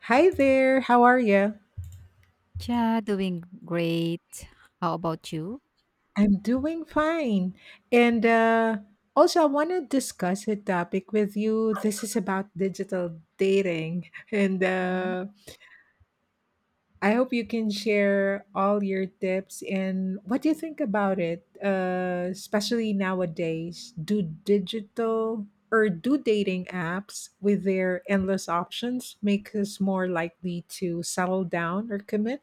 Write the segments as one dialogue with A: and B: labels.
A: Hi there, how are you?
B: Yeah, doing great. How about you?
A: I'm doing fine. And Also, I want to discuss a topic with you. This is about digital dating. And
B: Mhm.
A: I hope you can share all your tips and what you think about it, especially nowadays. Do digital or do dating apps with their endless options make us more likely to settle down or commit?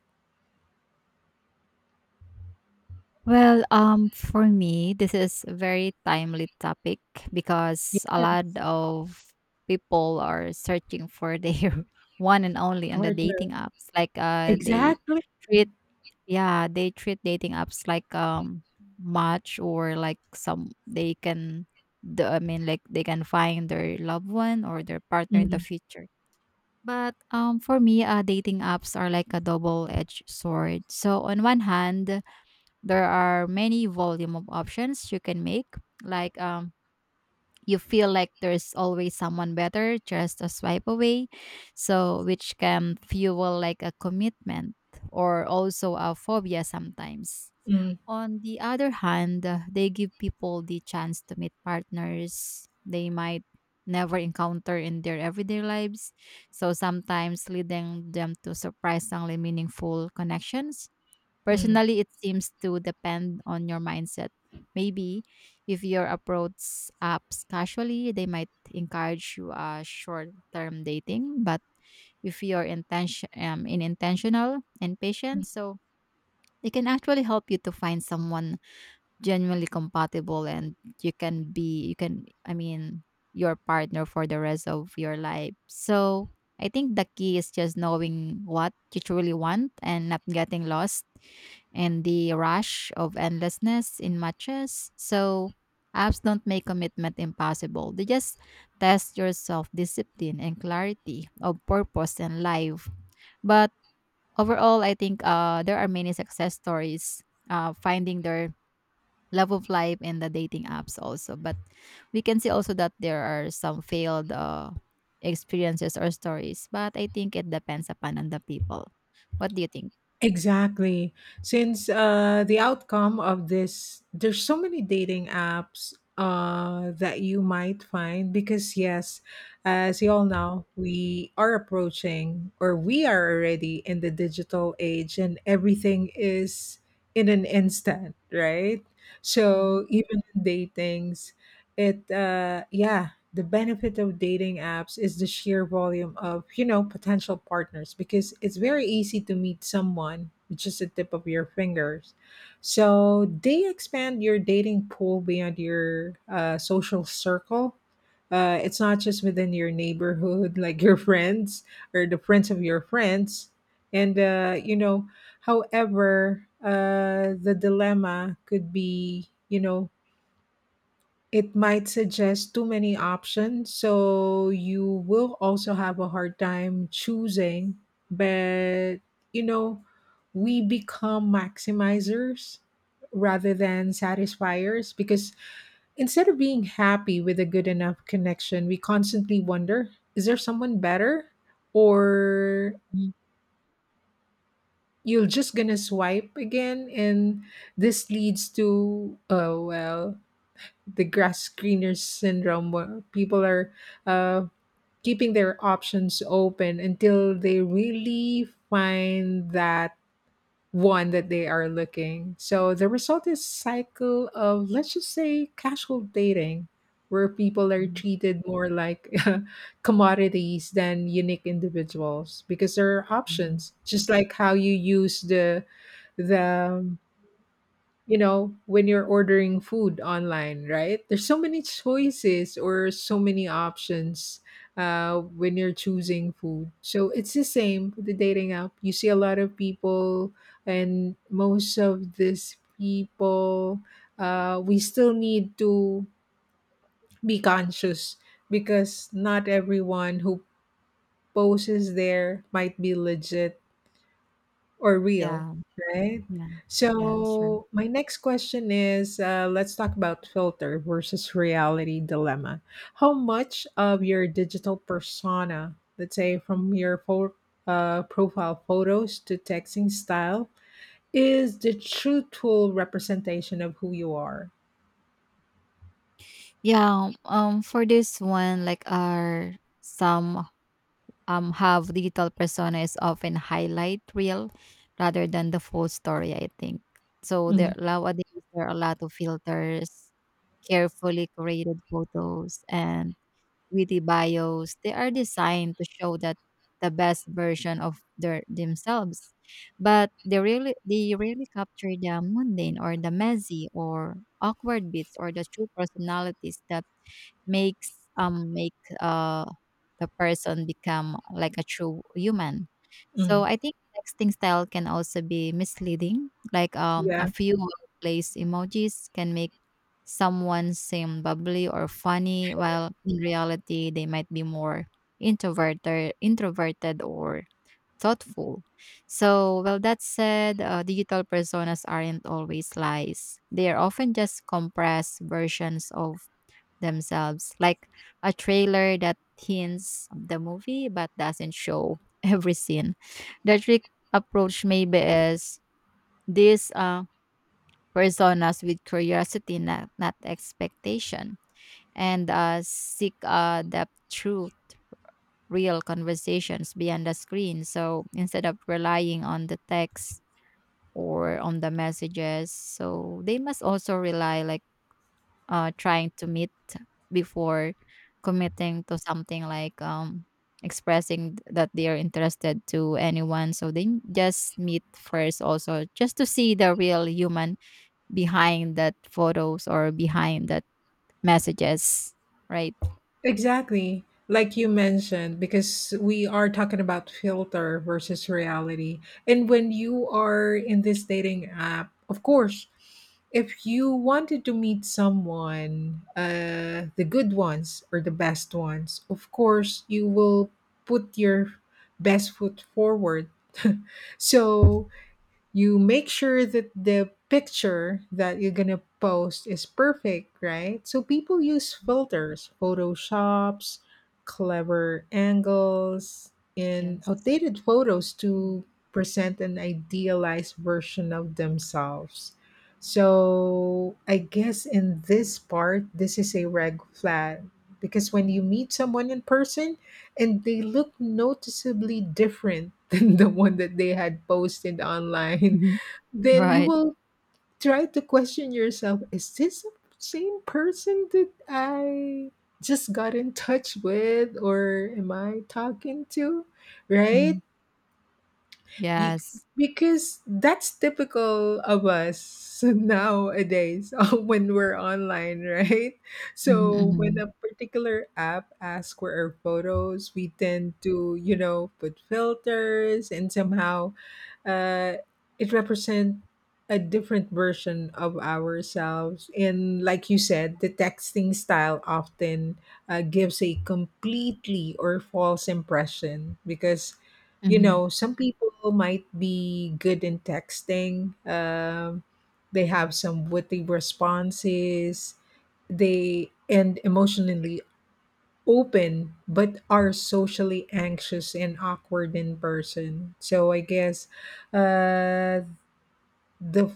B: For me, this is a very timely topic because a
A: Yes,
B: lot of people are searching for their one and only on the
A: partner.
B: dating apps. They
A: Exactly.
B: treat, treat dating apps like match or like some they can, like they can find their loved one or their partner in the
A: Mm-hmm.
B: future. But For me, dating apps are like a double-edged sword. So on one hand, there are many volume of options you can make. Like um, you feel like there's always someone better just a swipe away. So which can fuel like a commitment or also a phobia sometimes.
A: Mm,
B: On the other hand, they give people the chance to meet partners they might never encounter in their everyday lives. So sometimes leading them to surprisingly meaningful connections.
A: mm.
B: Personally, it seems to depend on your mindset. Maybe if your approach apps casually, they might encourage you a short-term dating. But if you're intention in intentional and patient, so they can actually help you to find someone genuinely compatible and you can I mean, your partner for the rest of your life. So I think the key is just knowing what you truly want and not getting lost in the rush of endlessness in matches. So apps don't make commitment impossible, they just test your self-discipline and clarity of purpose and life. But overall, I think there are many success stories finding their love of life and the dating apps also. But we can see also that there are some failed experiences or stories, but I think it depends upon on the people. What do you think?
A: Exactly. Since the outcome of this, there's so many dating apps that you might find because, yes, as you all know, we are approaching or we are already in the digital age and everything is in an instant, right?
B: Mm-hmm.
A: So even in datings, yeah, the benefit of dating apps is the sheer volume of potential partners because it's very easy to meet someone with just the tip of your fingers, so they expand your dating pool beyond your social circle. It's not just within your neighborhood like your friends or the friends of your friends. And uh, you know however uh, the dilemma could be, it might suggest too many options, so you will also have a hard time choosing. But you know, we become maximizers rather than satisfiers because, instead of being happy with a good enough connection, we constantly wonder, is there someone better? Or
B: Mhm.
A: you're just gonna swipe again, and this leads to, oh well, the grass greener syndrome where people are uh, keeping their options open until they really find that one that they are looking. So the result is cycle of, let's just say, casual dating, where people are
B: Mhm.
A: treated more like commodities than unique individuals, because there are
B: Mhm.
A: options just like how you use the you know, when you're ordering food online, right? There's so many choices or so many options when you're choosing food. So it's the same with the dating app. You see a lot of people, and most of these people, we still need to be conscious because not everyone who poses there might be legit or real,
B: Yeah,
A: right?
B: yeah, yeah, sure.
A: So my next question is, let's talk about filter versus reality dilemma. How much of your digital persona, let's say from your profile photos to texting style, is the truthful representation of who you are?
B: Yeah, for this one, like, are some have digital persona is often highlight reel rather than the full story, I think. So there
A: Mhm,
B: nowadays there are a lot of filters, carefully curated photos, and witty bios. They are designed to show that the best version of their themselves, but they really capture the mundane or the messy or awkward bits or the true personalities that make the person become like a true human. So
A: mhm.
B: I think texting style can also be misleading. A
A: Yeah.
B: few place emojis can make someone seem bubbly or funny while in reality they might be more introverted or thoughtful. So, well, that said, digital personas aren't always lies. They are often just compressed versions of themselves, like a trailer that hints of the movie but doesn't show every scene. The trick approach maybe is these personas with curiosity, not expectation, and seek depth through real conversations beyond the screen. So instead of relying on the text or on the messages, so they must also rely like trying to meet before committing to something like expressing that they are interested to anyone. So they just meet first, also just to see the real human behind that photos or behind that messages, right?
A: Exactly. Like you mentioned, because we are talking about filter versus reality. And when you are in this dating app, of course, if you wanted to meet someone, the good ones or the best ones, of course, you will put your best foot forward. So you make sure that the picture that you're gonna post is perfect, right? So people use filters, photoshops, clever angles, and
B: Yes.
A: outdated photos
B: Mm.
A: to present an idealized version of themselves. So I guess in this part, this is a red flag, because when you
B: Mhm.
A: meet someone in person, and they look noticeably different than the one that they had posted online,
B: Mhm.
A: then you
B: Right.
A: will try to question yourself, is this the same person that I just got in touch with or am I talking to?
B: Mhm.
A: Right? You,
B: Yes.
A: because that's typical of us nowadays when we're online, right?
B: Mm-hmm.
A: So when
B: Mm-hmm.
A: a particular app asks for our photos, we tend to, you know, put filters and somehow uh, it represents a different version of ourselves. And like you said, the texting style often gives a completely or false impression because, you
B: Mm-hmm.
A: know, some people might be good in texting, they have some witty responses, they and emotionally open, but are socially anxious and awkward in person. So I guess, uh, the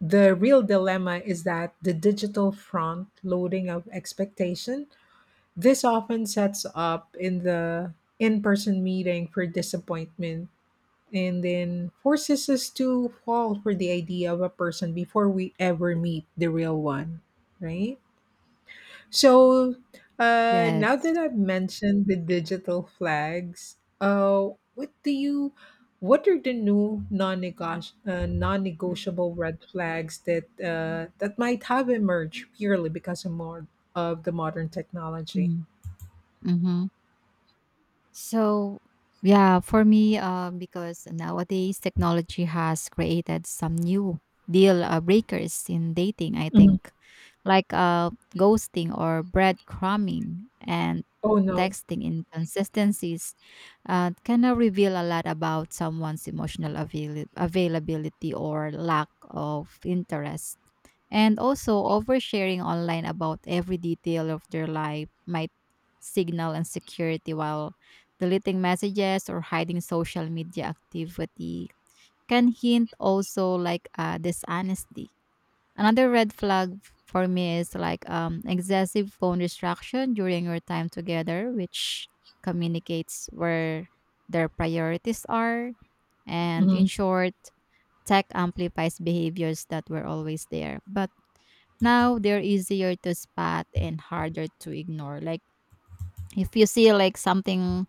A: the real dilemma is that the digital front loading of expectation, this often sets up in the in-person meeting for disappointment, and then forces us to fall for the idea of a person before we ever meet the real one, right? So, now
B: Yes.
A: that I've mentioned the digital flags, what do you, what are the new non-negotiable red flags that that might have emerged purely because of more of the modern technology?
B: Mm-hmm. Mm-hmm. So, yeah, for me, because nowadays technology has created some new deal breakers in dating, I
A: Mhm.
B: think, like ghosting or breadcrumbing and
A: Oh no.
B: texting inconsistencies can now reveal a lot about someone's emotional availability or lack of interest. And also, oversharing online about every detail of their life might signal insecurity, while deleting messages or hiding social media activity can hint also like dishonesty. Another red flag for me is like excessive phone distraction during your time together, which communicates where their priorities are. And in
A: Mhm.
B: short, tech amplifies behaviors that were always there. But now they're easier to spot and harder to ignore. Like if you see like something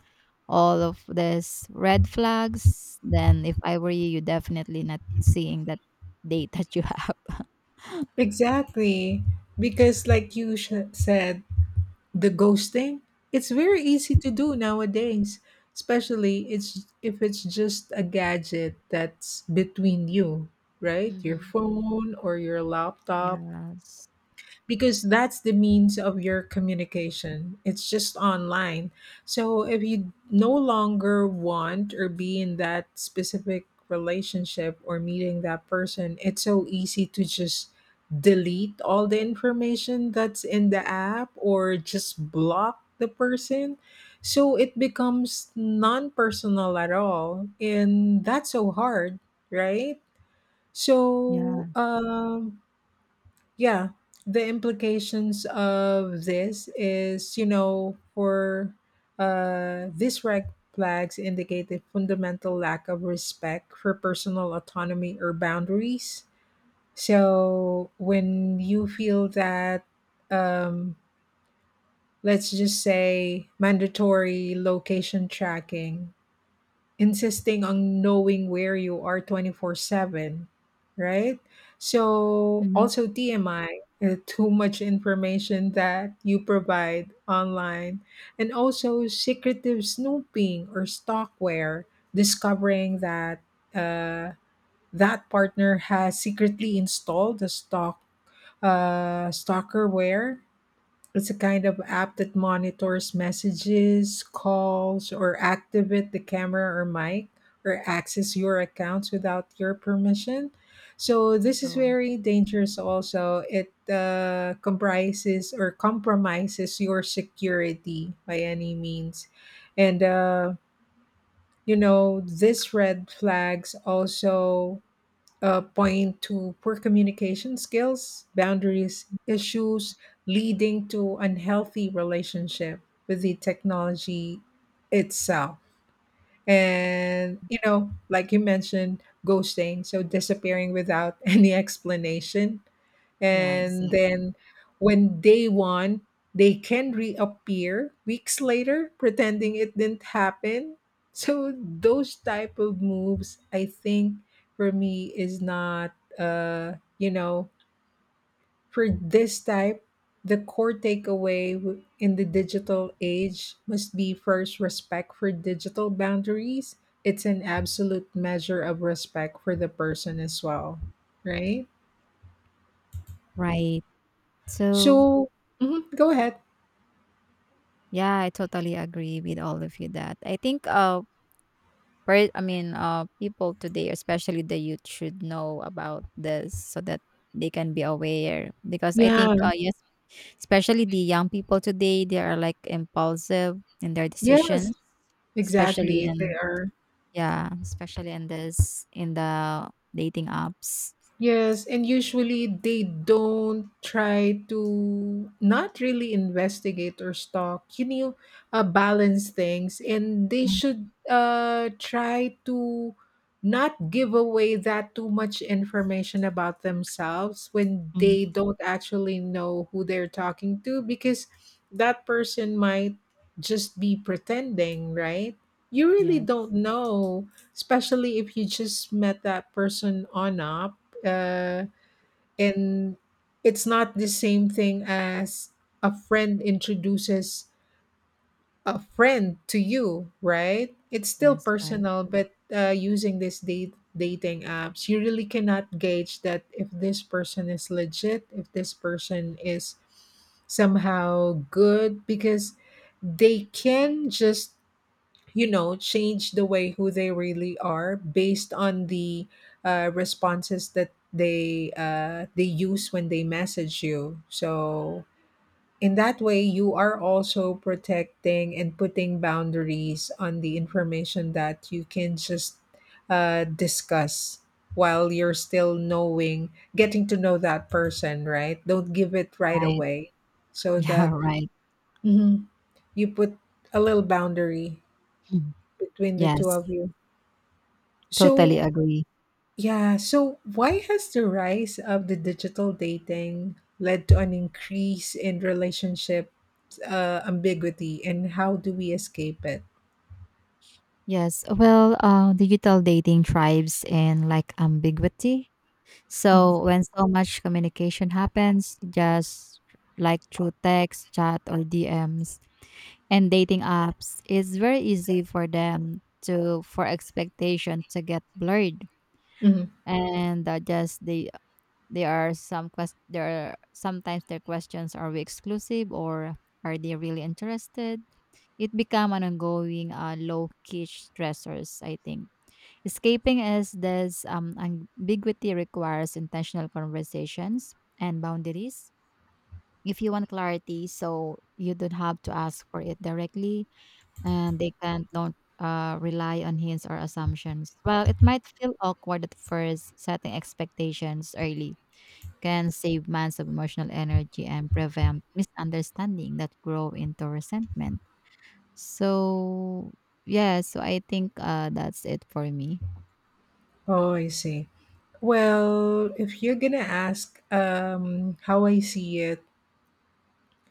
B: all of these red flags, then if I were you, you definitely not seeing that date that you have.
A: Exactly. Because like you said, the ghosting? It's very easy to do nowadays, especially it's, if it's just a gadget that's between you, right? Your
B: Hmm.
A: phone or your laptop,
B: Yes.
A: because that's the means of your communication. It's just online. So if you no longer want or be in that specific relationship or meeting that person, it's so easy to just delete all the information that's in the app or just block the person. So it becomes non personal at all. And that's so hard, right? So,
B: Yeah.
A: yeah, the implications of this is, you know, for these red flags indicate a fundamental lack of respect for personal autonomy or boundaries. So when you feel that, um let's just say, mandatory location tracking, insisting on knowing where you are 24/7, right? So
B: Hmm.
A: also TMI, too much information that you provide online, and also secretive snooping or stalkware, discovering that uh, that partner has secretly installed the stalkerware. It's a kind of app that monitors messages, calls, or activate the camera or mic or access your accounts without your permission. So this is
B: Oh.
A: very dangerous also. It comprises or compromises your security by any means. And you know, these red flags also point to poor communication skills, boundaries issues, leading to unhealthy relationship with the technology itself. And you know, like you mentioned, ghosting, so disappearing without any explanation,
B: Yeah,
A: and
B: exactly.
A: then when they won they can reappear weeks later pretending it didn't happen. So those type of moves, I think, for me is not, uh you know for this type, the core takeaway in the digital age must be, first, respect for digital boundaries. It's an absolute measure of respect for the person as well, right?
B: Right. So
A: So mhm, go ahead.
B: yeah, I totally agree with all of you that I think people today, especially the youth, should know about this so that they can be aware. Because I
A: Yeah.
B: think yes, especially the young people today, they are like impulsive in their
A: Yes.
B: decisions, especially
A: Exactly. They
B: in
A: are.
B: yeah, especially in this in the dating apps.
A: Yes, and usually they don't try to not really investigate or stalk. You know, balance things, and they should try to not give away that too much information about themselves when
B: Mhm.
A: they don't actually know who they're talking to, because that person might just be pretending, right? You really don't
B: Yes.
A: know, especially if you just met that person on up, uh, and it's not the same thing as a friend introduces a friend to you, right? It's still
B: Yes, right.
A: personal, but using these date dating apps you really cannot gauge that if this person is legit, if this person is somehow good, because they can just, you know, change the way who they really are based on the responses that they use when they message you. So in that way, you are also protecting and putting boundaries on the information that you can just discuss while you're still knowing, getting to know that person, right? Don't give it right
B: Right.
A: away, so
B: Yeah,
A: that
B: right.
A: mhm, you put a little boundary
B: Mhm.
A: between the two
B: Yes.
A: of you.
B: Totally
A: So,
B: agree.
A: yeah, so why has the rise of the digital dating led to an increase in relationship ambiguity, and how do we escape it?
B: Yes, well, digital dating thrives in like ambiguity.
A: Mhm.
B: So when so much communication happens, just like through text, chat, or DMs, and dating apps, it's very easy for them to for expectation to get blurred,
A: Mhm.
B: and just they there are some quest there are sometimes their questions are we exclusive or are they really interested? It become an ongoing low key stressors, I think. Escaping is this ambiguity requires intentional conversations and boundaries. If you want clarity, so you don't have to ask for it directly, and they can don't rely on hints or assumptions. While it might feel awkward at first, setting expectations early can save months of emotional energy and prevent misunderstanding that grow into resentment. So, yeah, so I think that's it for me.
A: Oh, I see. Well, if you're gonna ask, how I see it,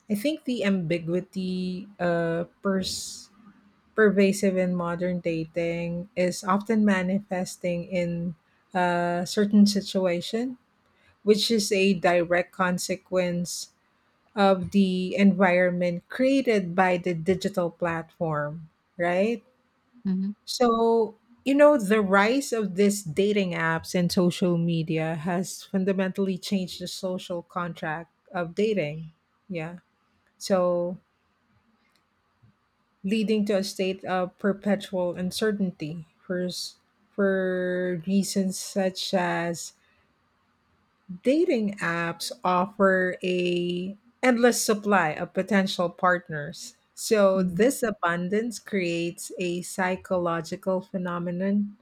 A: I think the ambiguity, pervasive in modern dating, is often manifesting in a certain situation, which is a direct consequence of the environment created by the digital platform, right?
B: Mm-hmm.
A: So, you know, the rise of these dating apps and social media has fundamentally changed the social contract of dating. Yeah. So, leading to a state of perpetual uncertainty for, for reasons such as dating apps offer a endless supply of potential partners. So
B: Mm-hmm.
A: this abundance creates a psychological phenomenon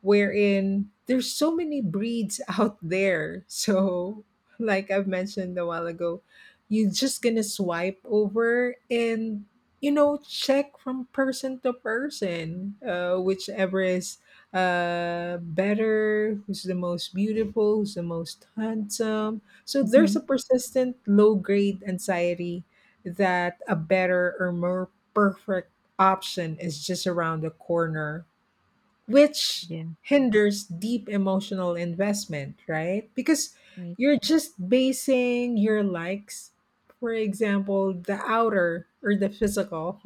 A: wherein there's so many breeds out there. So, like I've mentioned a while ago, you're just gonna swipe over and, you know, check from person to person, whichever is better, who's the most beautiful, who's the most handsome. So there's
B: Hmm.
A: a persistent low grade anxiety that a better or more perfect option is just around the corner, which
B: Yeah,
A: hinders deep emotional investment, right? Because
B: right.
A: you're just basing your likes, for example, the outer or the physical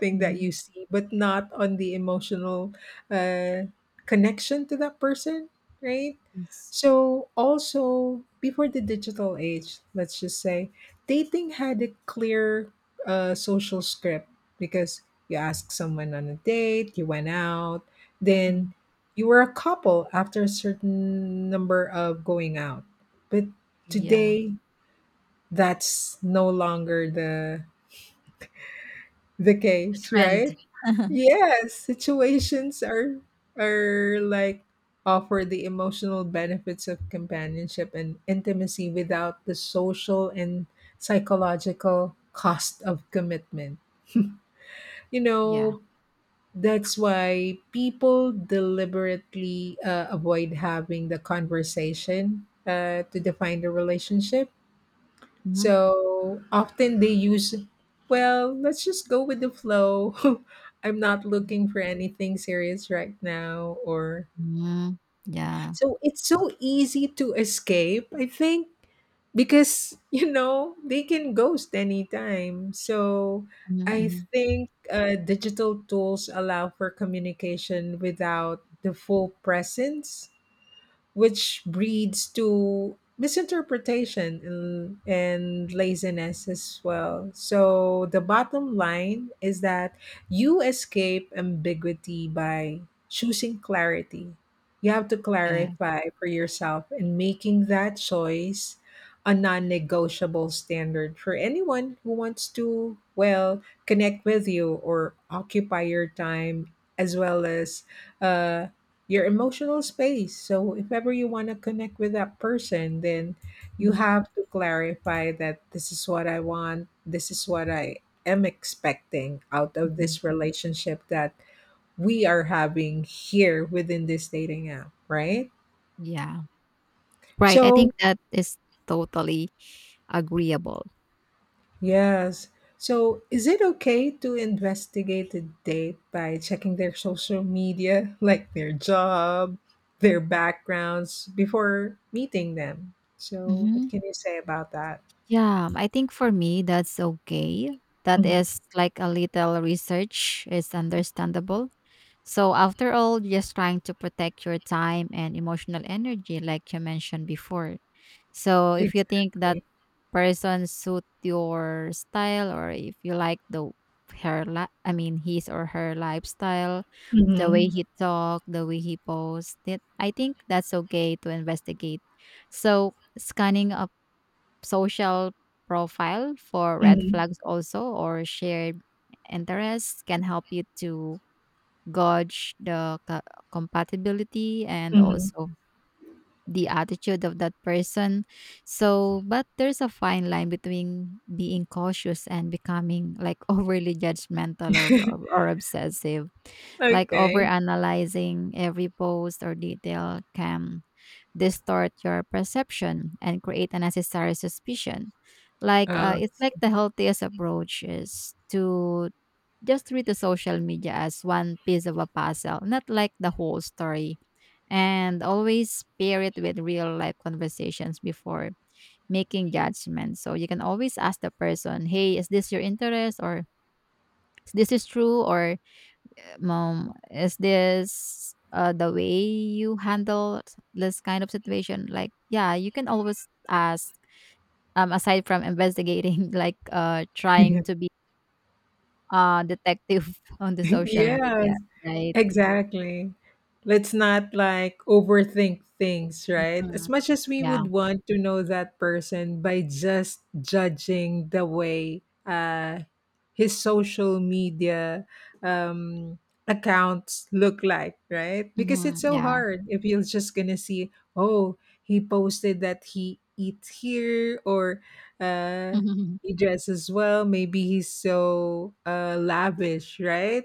A: thing that
B: Mm-hmm.
A: you see, but not on the emotional uh, connection to that person, right?
B: Yes.
A: So, also before the digital age, let's just say, dating had a clear social script, because you asked someone on a date, you went out, then
B: Mhm.
A: you were a couple after a certain number of going out. But
B: Yeah,
A: today, that's no longer the
B: the
A: case, right?
B: trend.
A: Yes, situations are like offer the emotional benefits of companionship and intimacy without the social and psychological cost of commitment. You
B: Yeah.
A: know, that's why people deliberately avoid having the conversation to define the relationship,
B: Mm-hmm.
A: so often they use, well, let's just go with the flow. I'm not looking for anything serious right now. Or
B: Mm-hmm. Yeah.
A: so it's so easy to escape, I think, because, you know, they can ghost anytime. So I
B: Mm-hmm.
A: think digital tools allow for communication without the full presence, which breeds to misinterpretation and laziness as well. So the bottom line is that you escape ambiguity by choosing clarity. You have to
B: Yeah.
A: clarify for yourself and making that choice a non-negotiable standard for anyone who wants to well connect with you or occupy your time as well as uh, your emotional space. So if ever you want to connect with that person, then you have to clarify that this is what I want, this is what I am expecting out of
B: Mm-hmm.
A: this relationship that we are having here within this dating app, right?
B: Yeah, right. I
A: So
B: think that is totally agreeable.
A: yes. So, is it okay to investigate a date by checking their social media, like their job, their backgrounds, before meeting them? So, what
B: Hmm.
A: can you say about that?
B: Yeah, I think for me, that's okay. That
A: Hmm.
B: is like a little research is understandable. So after all, just trying to protect your time and emotional energy, like you mentioned before. So if you think that
A: Exactly.
B: person suit your style, or if you like the his or her lifestyle, the way
A: Hmm.
B: he talk, the way he post, it, I think that's okay to investigate. So scanning a social profile for red
A: Hmm.
B: flags also or shared interests can help you to gauge the co- compatibility and
A: Hmm.
B: also the attitude of that person. So, but there's a fine line between being cautious and becoming like overly judgmental or obsessive. Like
A: Okay.
B: overanalyzing every post or detail can distort your perception and create unnecessary suspicion. Like
A: Um,
B: it's like the healthiest approach is to just treat the social media as one piece of a puzzle, not like the whole story. And always pair it with real life conversations before making judgments. So you can always ask the person, hey, is this your interest? Or is this is true? Or mom, is this the way you handle this kind of situation? Like, yeah, you can always ask. Aside from investigating, like trying to be detective on the social
A: yes.
B: media, right?
A: Exactly. Let's not like overthink things, right? As
B: Mm,
A: much as we
B: yeah.
A: would want to know that person by just judging the way his social media um, accounts look like, right? Because it's
B: Mhm,
A: so
B: yeah.
A: hard if you're just gonna see, oh, he posted that he eats here or uh, he dresses well. Maybe he's so lavish, right?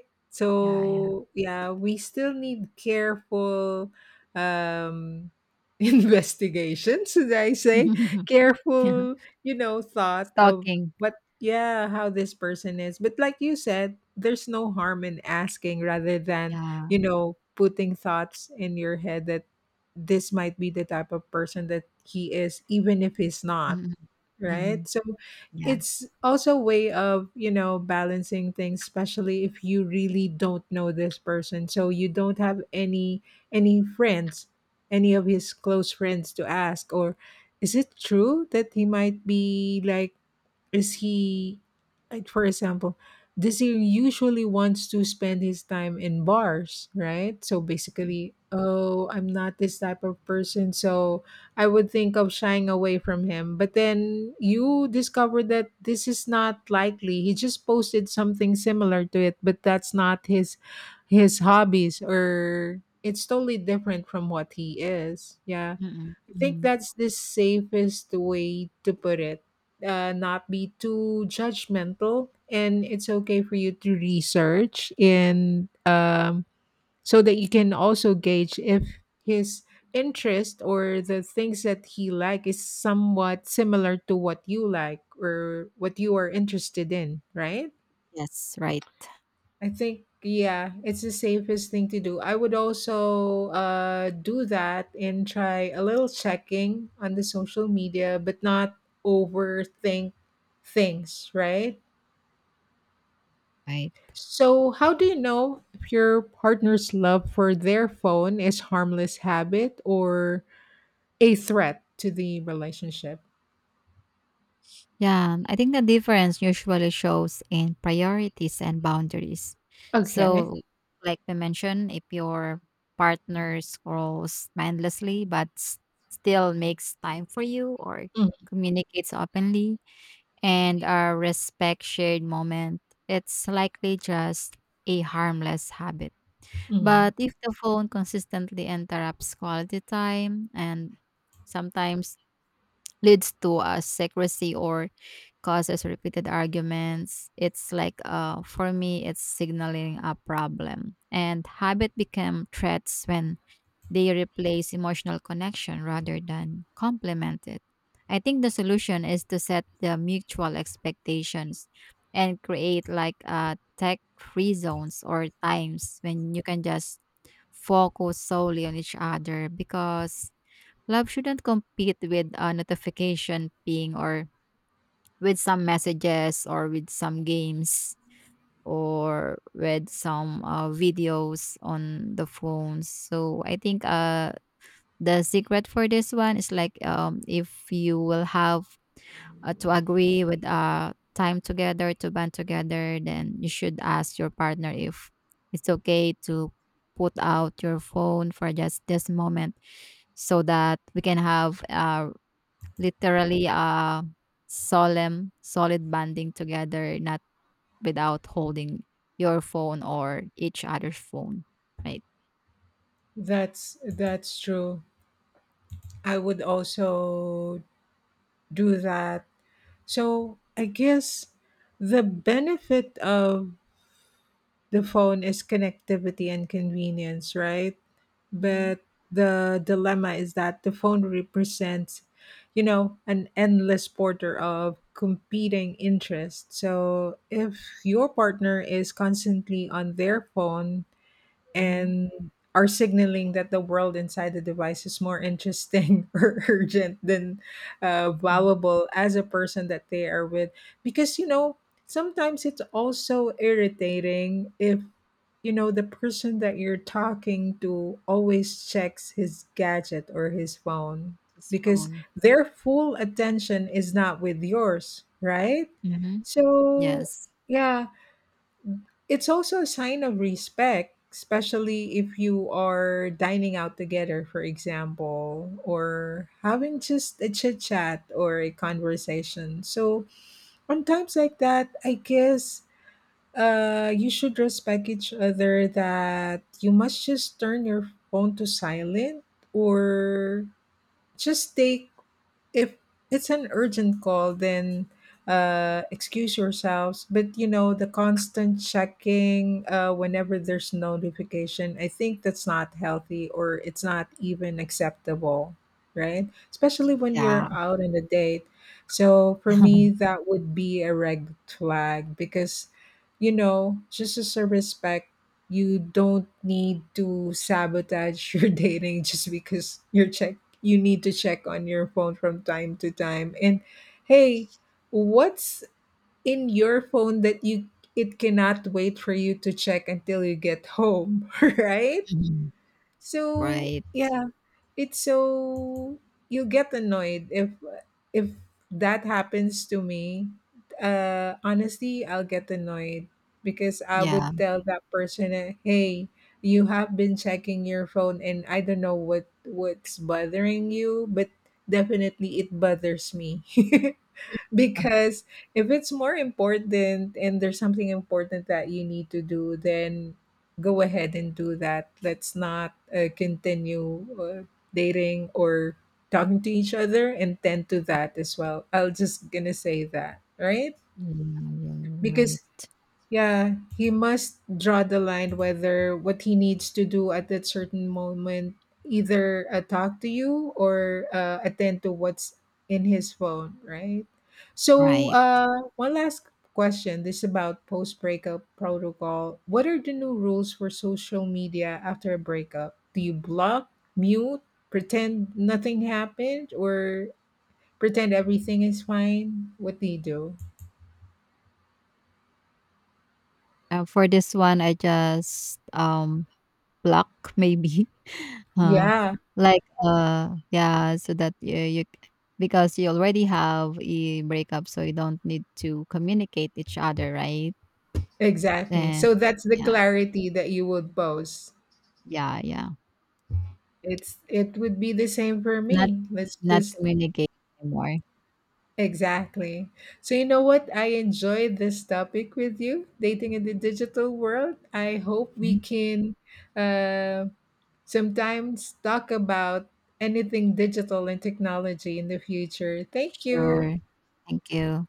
B: Yeah, yeah.
A: So yeah, we still need careful um investigations, should I say?
B: Yeah.
A: Careful, you know, thought of
B: Stalking.
A: what yeah, how this person is. But like you said, there's no harm in asking rather than,
B: Yeah.
A: you know, putting thoughts in your head that this might be the type of person that he is, even if he's not,
B: Mm, mhm.
A: right. So
B: Yeah.
A: it's also a way of, you know, balancing things, especially if you really don't know this person, so you don't have any friends any of his close friends to ask. Or is it true that he might be like, is he, like, for example, this he usually wants to spend his time in bars, right? So
B: Mm,
A: basically, oh, I'm not this type of person, so I would think of shying away from him, but then you discover that this is not likely, he just posted something similar to it, but that's not his hobbies, or it's totally different from what he is. Yeah,
B: mm,
A: I think
B: mhm.
A: that's the safest way to put it. Not be too judgmental, and it's okay for you to research and so that you can also gauge if his interest or the things that he like is somewhat similar to what you like or what you are interested in, right?
B: Yes, right,
A: I think yeah, it's the safest thing to do. I would also do that and try a little checking on the social media, but not overthink things, right?
B: right.
A: So, how do you know if your partner's love for their phone is harmless habit or a threat to the relationship?
B: Yeah, I think the difference usually shows in priorities and boundaries.
A: Okay.
B: So, like we mentioned, if your partner scrolls mindlessly but still makes time for you or communicates openly, and our respect shared moment, it's likely just a harmless habit.
A: Mm-hmm.
B: But if the phone consistently interrupts quality time and sometimes leads to a secrecy or causes repeated arguments, it's like for me, it's signaling a problem. And habit become threats when they replace emotional connection rather than complement it. I think the solution is to set the mutual expectations and create like tech free zones or times when you can just focus solely on each other, because love shouldn't compete with a notification ping or with some messages or with some games or with some videos on the phones. So I think the secret for this one is like if you will have to agree with time together to band together, then you should ask your partner if it's okay to put out your phone for just this moment so that we can have literally a solid banding together, not without holding your phone or each other's phone, right?
A: That's true. I would also do that. So I guess the benefit of the phone is connectivity and convenience, right?
B: Mm-hmm.
A: But the dilemma is that the phone represents, you know, an endless border of competing interests. So if your partner is constantly on their phone
B: Mm-hmm.
A: and are signaling that the world inside the device is more interesting or urgent than valuable as a person that they are with. Because, you know, sometimes it's also irritating if, you know, the person that you're talking to always checks his gadget or his phone, because
B: Phone.
A: their full attention is not with yours, right?
B: Mm-hmm.
A: So,
B: Yes.
A: yeah, it's also a sign of respect, especially if you are dining out together, for example, or having just a chit chat or a conversation. So, on times like that, I guess you should respect each other, that you must just turn your phone to silent, or just take, if it's an urgent call, then excuse yourselves. But you know, the constant checking whenever there's notification, I think that's not healthy, or it's not even acceptable, right, especially when you're
B: Yeah.
A: out on a date. So for me, that would be a red flag, because, you know, just as a respect, you don't need to sabotage your dating just because you're checking, you need to check on your phone from time to time. And hey, what's in your phone that you it cannot wait for you to check until you get home, right?
B: Mhm.
A: So,
B: Right.
A: yeah, it's so you get annoyed if that happens to me. Honestly, I'll get annoyed, because I
B: Yeah.
A: would tell that person, eh, "Hey, you have been checking your phone, and I don't know what's bothering you, but definitely it bothers me." Because if it's more important and there's something important that you need to do, then go ahead and do that. Let's not continue dating or talking to each other and tend to that as well. I'll just gonna say that, right?
B: Yeah, yeah,
A: Because
B: right.
A: yeah, he must draw the line whether what he needs to do at that certain moment, either talk to you or attend to what's in his phone, right? So,
B: Right.
A: one last question. This is about post breakup protocol. What are the new rules for social media after a breakup? Do you block, mute, pretend nothing happened, or pretend everything is fine? What do you do?
B: For this one, I just pluck maybe, uh,
A: Yeah.
B: like yeah, so that because you already have a breakup, so you don't need to communicate each other, right?
A: Exactly.
B: And
A: So that's the
B: yeah,
A: clarity that you would pose.
B: yeah, yeah,
A: It's it would be the same for
B: not
A: me. Let's
B: not
A: just
B: communicate anymore.
A: exactly. So you know what? I enjoyed this topic with you, dating in the digital world. I hope we
B: Mhm.
A: can uh, sometimes talk about anything digital and technology in the future. Thank you.
B: Sure. Thank you.